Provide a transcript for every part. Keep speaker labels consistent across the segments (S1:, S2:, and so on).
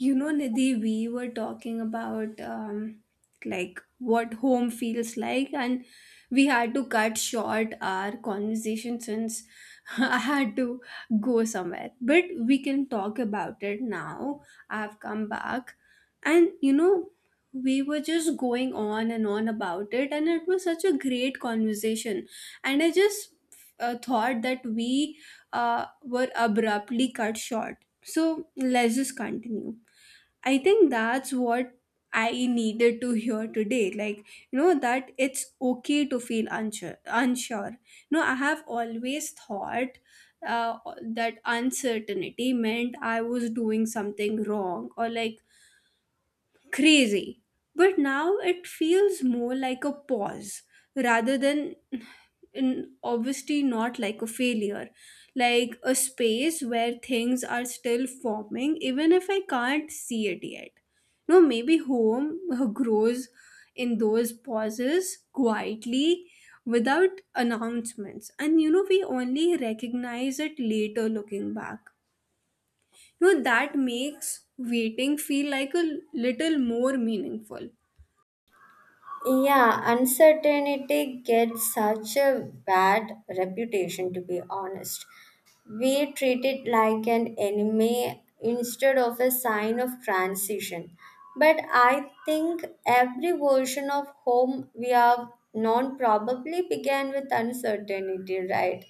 S1: You know, Nidhi, we were talking about like what home feels like, and we had to cut short our conversation since I had to go somewhere. But we can talk about it now. I've come back, and you know, we were just going on and on about it, and it was such a great conversation. And I just thought that we were abruptly cut short. So let's just continue. I think that's what I needed to hear today. Like, you know, that it's okay to feel unsure. No, I have always thought that uncertainty meant I was doing something wrong or like crazy. But now it feels more like a pause rather than in obviously not like a failure, like a space where things are still forming, even if I can't see it yet. No, maybe home grows in those pauses quietly, without announcements, and you know, we only recognize it later, looking back. You know, that makes waiting feel like a little more meaningful.
S2: Yeah, uncertainty gets such a bad reputation, to be honest. We treat it like an enemy instead of a sign of transition. But I think every version of home we have known probably began with uncertainty, right?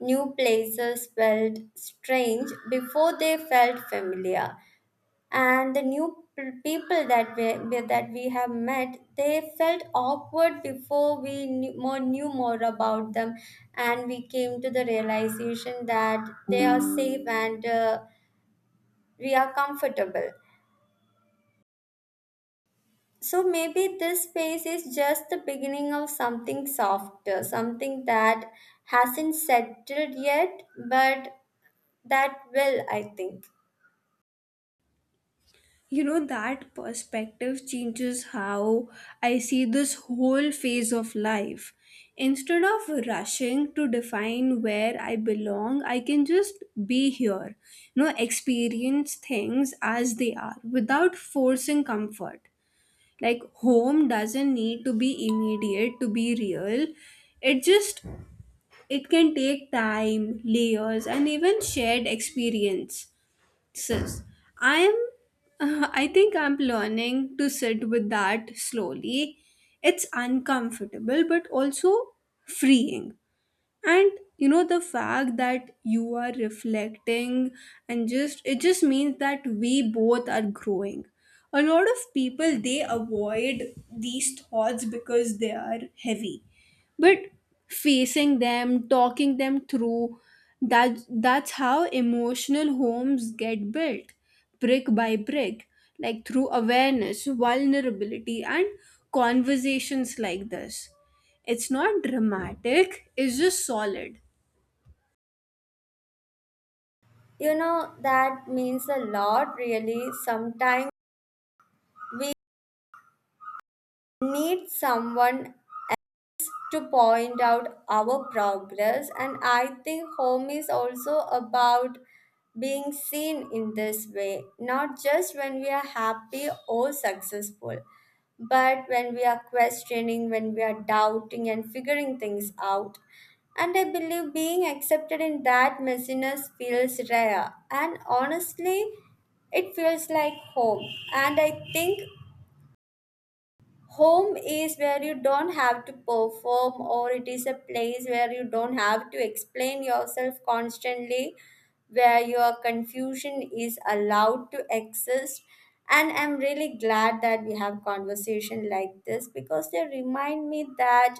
S2: New places felt strange before they felt familiar, and the new people that we have met, they felt awkward before we knew more about them, and we came to the realization that they are safe and we are comfortable. So maybe this space is just the beginning of something softer, something that hasn't settled yet, but that will, I think.
S1: You know, that perspective changes how I see this whole phase of life. Instead of rushing to define where I belong, I can just be here, you know, experience things as they are without forcing comfort. Like home doesn't need to be immediate to be real. It just, it can take time, layers, and even shared experience. Sis, I'm I think I'm learning to sit with that slowly. It's uncomfortable but also freeing. And you know, the fact that you are reflecting, and just, it just means that we both are growing. A lot of people, they avoid these thoughts because they are heavy, but facing them, talking them through, that's how emotional homes get built, brick by brick, like through awareness, vulnerability, and conversations like this. It's not dramatic, it's just solid.
S2: You know that means a lot. Really, sometimes we need someone to point out our progress, and I think home is also about being seen in this way, not just when we are happy or successful, but when we are questioning, when we are doubting and figuring things out. And I believe being accepted in that messiness feels rare, and honestly it feels like home. And I think home is where you don't have to perform, or it is a place where you don't have to explain yourself constantly, where your confusion is allowed to exist. And I'm really glad that we have conversation like this, because they remind me that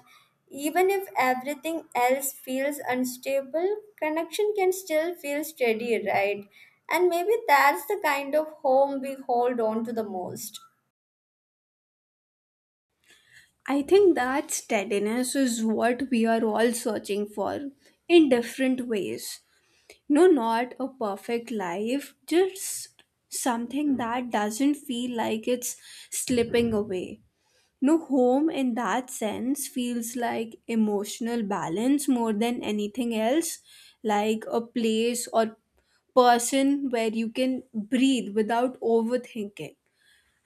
S2: even if everything else feels unstable, connection can still feel steady, right? And maybe that's the kind of home we hold on to the most.
S1: I think that steadiness is what we are all searching for in different ways. No, not a perfect life, just something that doesn't feel like it's slipping away. No, home in that sense feels like emotional balance more than anything else, like a place or person where you can breathe without overthinking.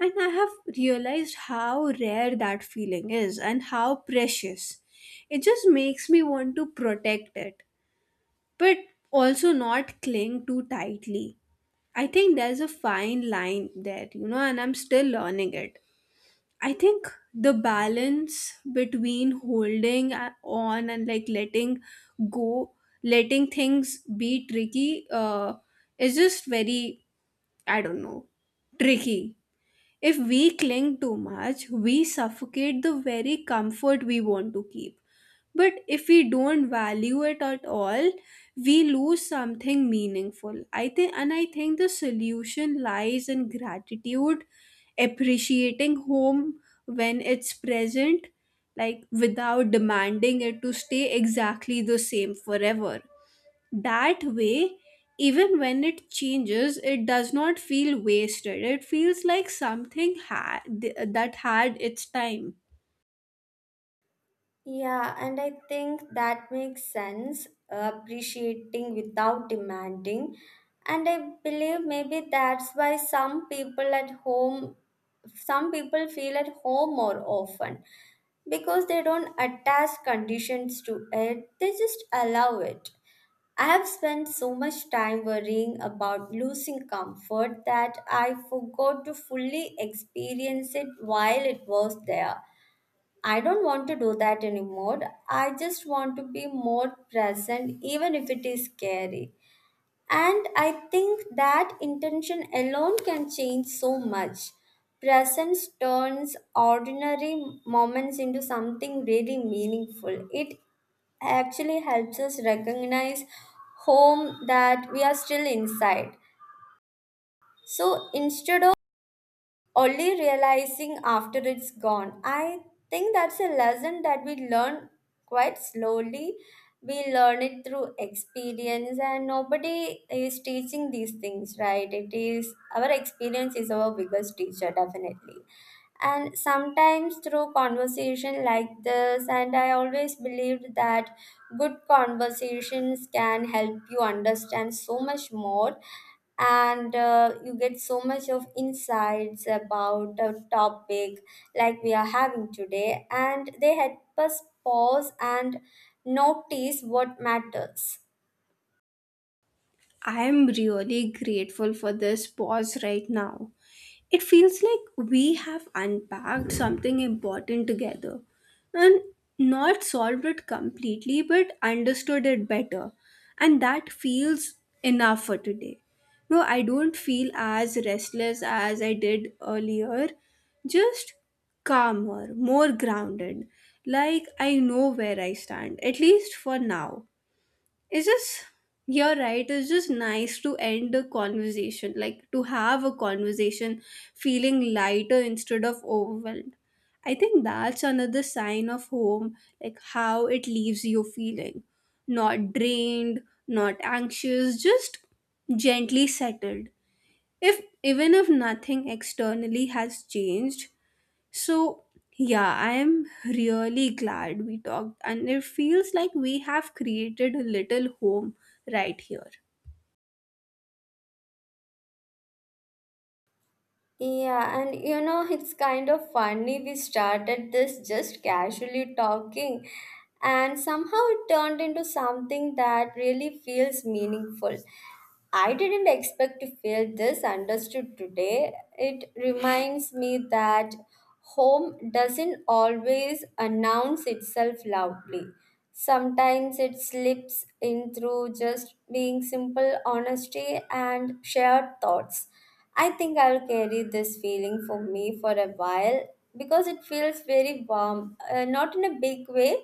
S1: And I have realized how rare that feeling is and how precious. It just makes me want to protect it, but also not cling too tightly. I think there's a fine line there, you know, and I'm still learning it. I think the balance between holding on and like letting go, letting things be tricky, is just very, I don't know, tricky. If we cling too much, we suffocate the very comfort we want to keep. But if we don't value it at all, we lose something meaningful, I think. And I think the solution lies in gratitude, appreciating home when it's present, like without demanding it to stay exactly the same forever. That way, even when it changes, it does not feel wasted. It feels like something that had its time.
S2: Yeah, and I think that makes sense, appreciating without demanding. And I believe maybe that's why some people at home, some people feel at home more often, because they don't attach conditions to it, they just allow it. I have spent so much time worrying about losing comfort that I forgot to fully experience it while it was there. I don't want to do that anymore. I just want to be more present, even if it is scary. And I think that intention alone can change so much. Presence turns ordinary moments into something really meaningful. It actually helps us recognize home that we are still inside. So instead of only realizing after it's gone. I think that's a lesson that we learn quite slowly. We learn it through experience, and nobody is teaching these things, right? It is our experience is our biggest teacher, definitely, and sometimes through conversation like this. And I always believed that good conversations can help you understand so much more, and you get so much of insights about a topic like we are having today, and they help us pause and notice what matters.
S1: I am really grateful for this pause right now. It feels like we have unpacked something important together, and not solved it completely but understood it better, and that feels enough for today. No, I don't feel as restless as I did earlier, just calmer, more grounded, like I know where I stand, at least for now. It's just, you're right. It's just nice to end a conversation, like to have a conversation feeling lighter instead of overwhelmed. I think that's another sign of home, like how it leaves you feeling not drained, not anxious, just gently settled. If, even if nothing externally has changed, so, yeah, I am really glad we talked, and it feels like we have created a little home right here.
S2: Yeah, and you know, it's kind of funny. We started this just casually talking, and somehow it turned into something that really feels meaningful. I didn't expect to feel this understood today. It reminds me that home doesn't always announce itself loudly. Sometimes it slips in through just being simple honesty and shared thoughts. I think I'll carry this feeling for me for a while because it feels very warm, not in a big way,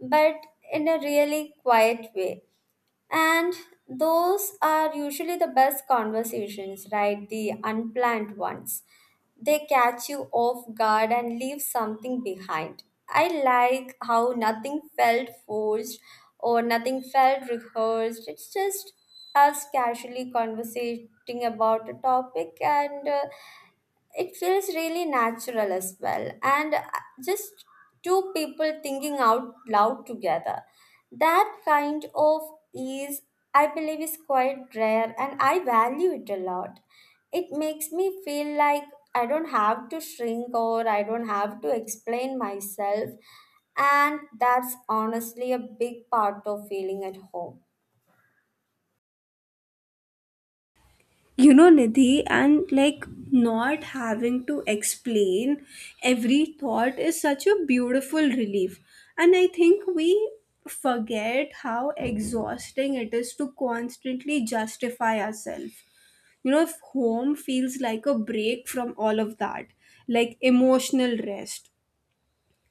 S2: but in a really quiet way. And those are usually the best conversations, right? The unplanned ones. They catch you off guard and leave something behind. I like how nothing felt forced or nothing felt rehearsed. It's just us casually conversating about a topic, and it feels really natural as well, and just two people thinking out loud together. That kind of ease, I believe, is quite rare, and I value it a lot. It makes me feel like I don't have to shrink, or I don't have to explain myself, and that's honestly a big part of feeling at home.
S1: You know, Nidhi, and like not having to explain every thought is such a beautiful relief. And I think we forget how exhausting it is to constantly justify ourselves. You know, if home feels like a break from all of that, like emotional rest,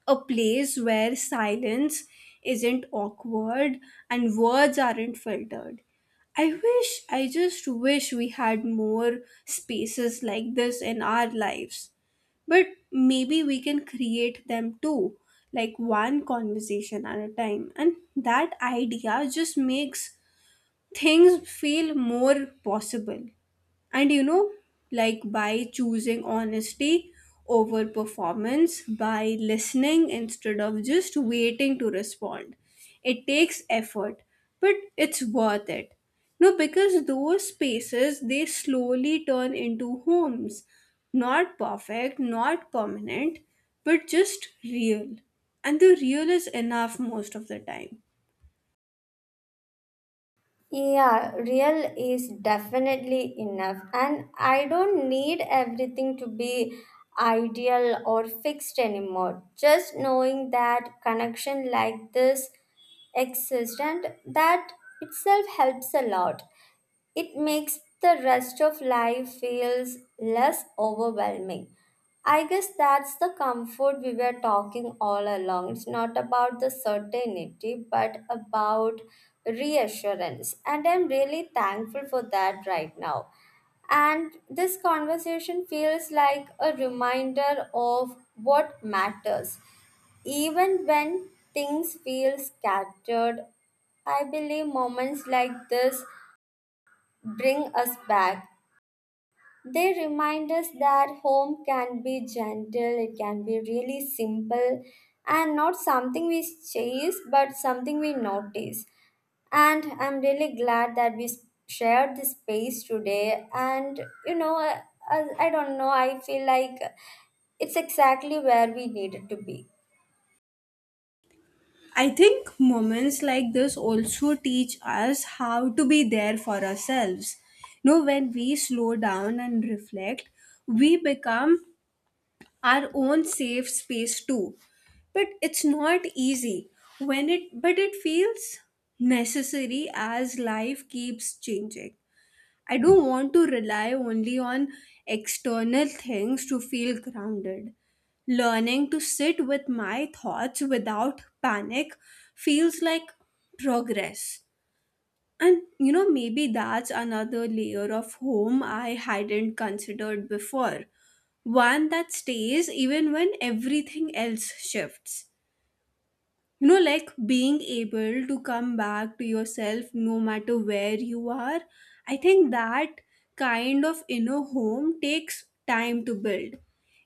S1: a place where silence isn't awkward and words aren't filtered. I wish, I just wish we had more spaces like this in our lives. But maybe we can create them too, like one conversation at a time. And that idea just makes things feel more possible. And you know, like by choosing honesty over performance, by listening instead of just waiting to respond, it takes effort, but it's worth it. No, because those spaces, they slowly turn into homes, not perfect, not permanent, but just real. And the real is enough most of the time.
S2: Yeah, real is definitely enough, and I don't need everything to be ideal or fixed anymore. Just knowing that connection like this exists, and that itself helps a lot. It makes the rest of life feels less overwhelming. I guess that's the comfort we were talking all along. It's not about the certainty, but about reassurance. And I'm really thankful for that right now. And this conversation feels like a reminder of what matters. Even when things feel scattered, I believe moments like this bring us back. They remind us that home can be gentle, it can be really simple, and not something we chase, but something we notice. And I'm really glad that we shared this space today. And you know, I don't know, I feel like it's exactly where we needed to be.
S1: I think moments like this also teach us how to be there for ourselves. You know, when we slow down and reflect, we become our own safe space too. But it's not easy when it, but it feels necessary as life keeps changing. I don't want to rely only on external things to feel grounded. Learning to sit with my thoughts without panic feels like progress. And you know, maybe that's another layer of home I hadn't considered before. One that stays even when everything else shifts. You know, like being able to come back to yourself no matter where you are. I think that kind of inner home takes time to build.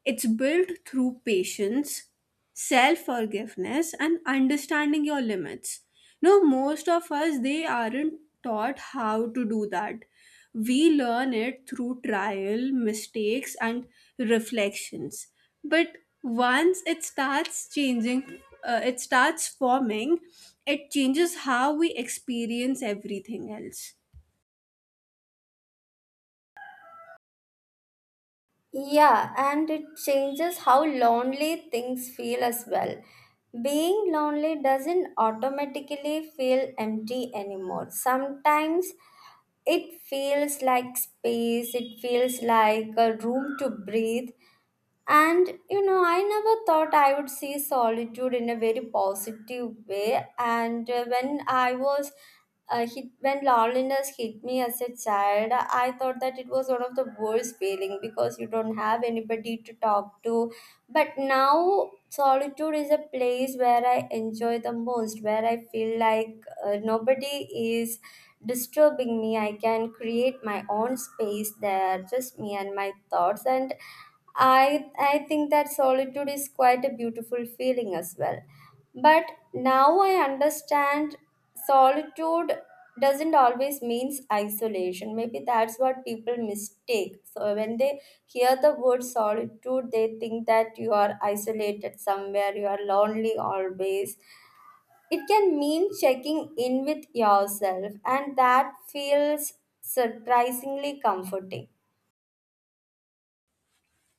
S1: It's built through patience, self forgiveness, and understanding your limits. No, most of us, they aren't taught how to do that. We learn it through trial, mistakes, and reflections. But once it starts changing, it starts forming, it changes how we experience everything else.
S2: Yeah, and it changes how lonely things feel as well. Being lonely doesn't automatically feel empty anymore. Sometimes it feels like space, it feels like a room to breathe. And you know, I never thought I would see solitude in a very positive way. And when loneliness hit me as a child, I thought that it was one of the worst feeling, because you don't have anybody to talk to. But now solitude is a place where I enjoy the most, where I feel like nobody is disturbing me. I can create my own space there, just me and my thoughts. And I think that solitude is quite a beautiful feeling as well. But now I understand solitude doesn't always means isolation. Maybe that's what people mistake. So when they hear the word solitude, they think that you are isolated somewhere, you are lonely always. It can mean checking in with yourself, and that feels surprisingly comforting.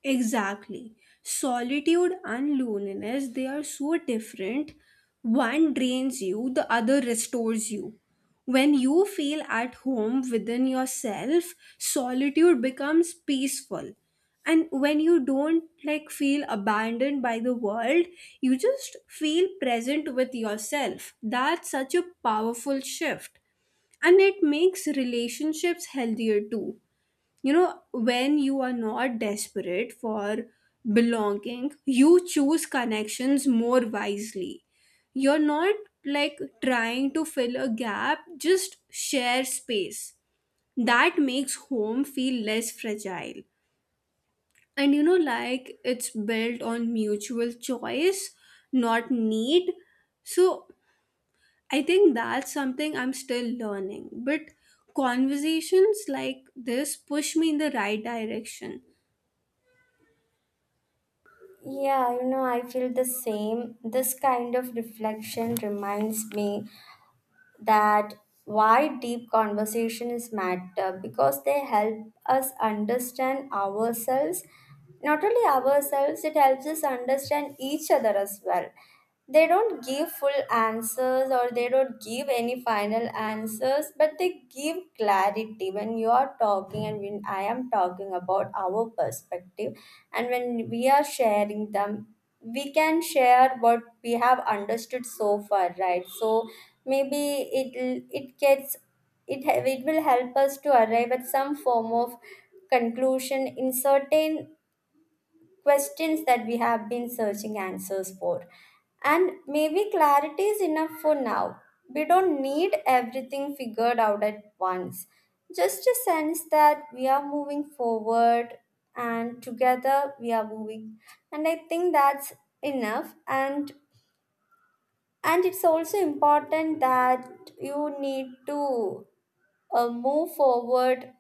S1: Exactly. Solitude and loneliness, they are so different. One drains you, the other restores you. When you feel at home within yourself, solitude becomes peaceful. And when you don't like feel abandoned by the world, you just feel present with yourself. That's such a powerful shift. And it makes relationships healthier too. You know, when you are not desperate for belonging, you choose connections more wisely. You're not like trying to fill a gap, just share space. That makes home feel less fragile. And you know, like it's built on mutual choice, not need. So I think that's something I'm still learning, but conversations like this push me in the right direction.
S2: Yeah, you know, I feel the same. This kind of reflection reminds me that why deep conversations matter, because they help us understand ourselves. Not only ourselves, it helps us understand each other as well. They don't give full answers, or they don't give any final answers, but they give clarity when you are talking and when I am talking about our perspective. And when we are sharing them, we can share what we have understood so far, right? So maybe it it gets it ha- it will help us to arrive at some form of conclusion in certain questions that we have been searching answers for. And maybe clarity is enough for now. We don't need everything figured out at once. Just a sense that we are moving forward, and together we are moving. And I think that's enough. And it's also important that you need to move forward.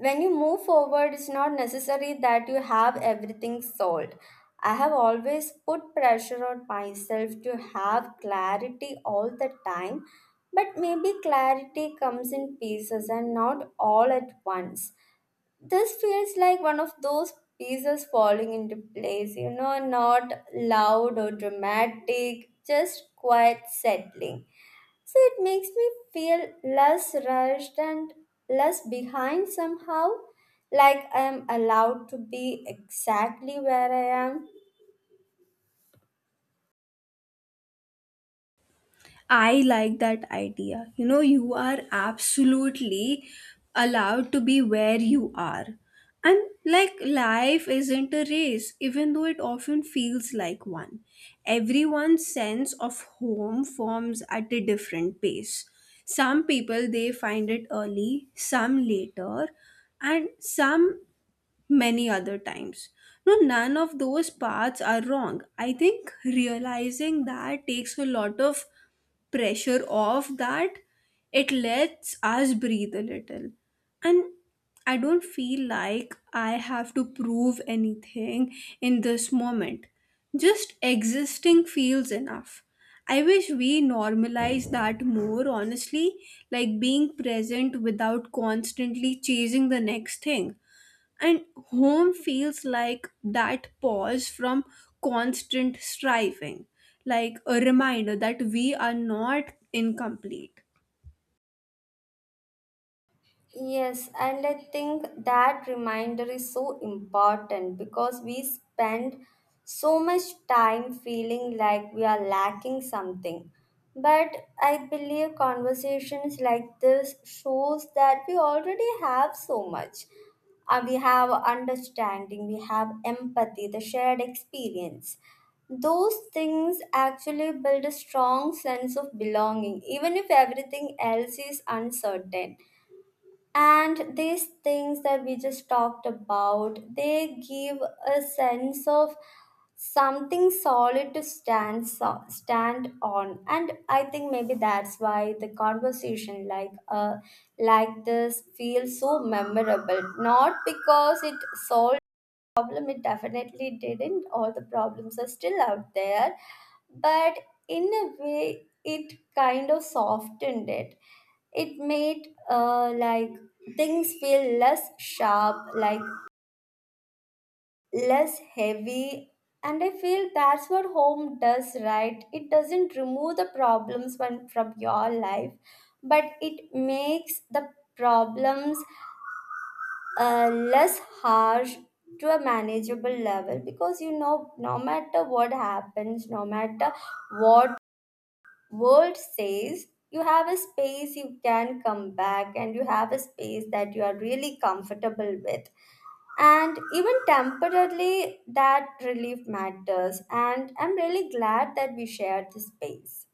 S2: When you move forward, it's not necessary that you have everything solved. I have always put pressure on myself to have clarity all the time, but maybe clarity comes in pieces and not all at once. This feels like one of those pieces falling into place, you know, not loud or dramatic, just quiet settling. So it makes me feel less rushed and less behind somehow, like I am allowed to be exactly where I am.
S1: I like that idea. You know, you are absolutely allowed to be where you are. And like life isn't a race, even though it often feels like one. Everyone's sense of home forms at a different pace. Some people, they find it early, some later, and some many other times. No, none of those paths are wrong. I think realizing that takes a lot of pressure off, that it lets us breathe a little. And I don't feel like I have to prove anything in this moment. Just existing feels enough. I wish we normalize that more honestly, like being present without constantly chasing the next thing. And home feels like that pause from constant striving, like a reminder that we are not incomplete.
S2: Yes, and I think that reminder is so important, because we spend so much time feeling like we are lacking something. But I believe conversations like this shows that we already have so much. We have understanding, we have empathy, the shared experience. Those things actually build a strong sense of belonging, even if everything else is uncertain, and these things that we just talked about, they give a sense of something solid to stand on. And I think maybe that's why the conversation like this feels so memorable, not because it solves problem. It definitely didn't, all the problems are still out there, but in a way, it kind of softened it. It made like things feel less sharp, like less heavy. And I feel that's what home does, right? It doesn't remove the problems when, from your life, but it makes the problems less harsh, to a manageable level. Because you know, no matter what happens, no matter what world says, you have a space you can come back, and you have a space that you are really comfortable with. And even temporarily, that relief matters, and I'm really glad that we shared this space.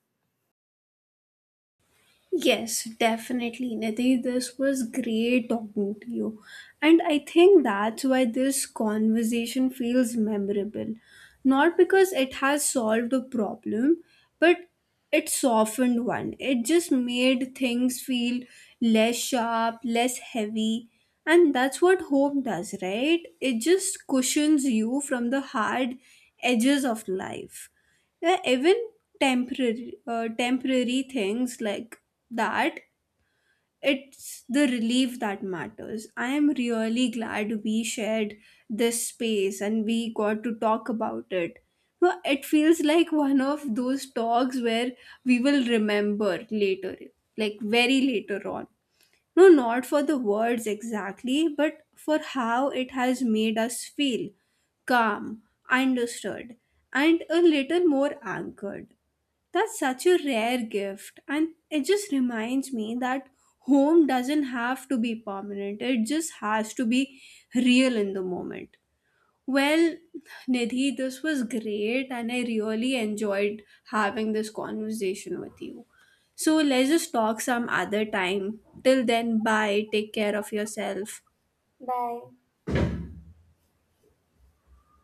S1: Yes, definitely, Nidhi. This was great talking to you. And I think that's why this conversation feels memorable. Not because it has solved a problem, but it softened one. It just made things feel less sharp, less heavy. And that's what hope does, right? It just cushions you from the hard edges of life. Yeah, even temporary, temporary things like that, it's the relief that matters. I am really glad we shared this space and we got to talk about it. Well, it feels like one of those talks where we will remember later, like very later on. No, not for the words exactly, but for how it has made us feel calm, understood, and a little more anchored. That's such a rare gift, and it just reminds me that home doesn't have to be permanent, it just has to be real in the moment. Well, Nidhi, this was great, and I really enjoyed having this conversation with you. So, let's just talk some other time. Till then, bye, take care of yourself.
S2: Bye.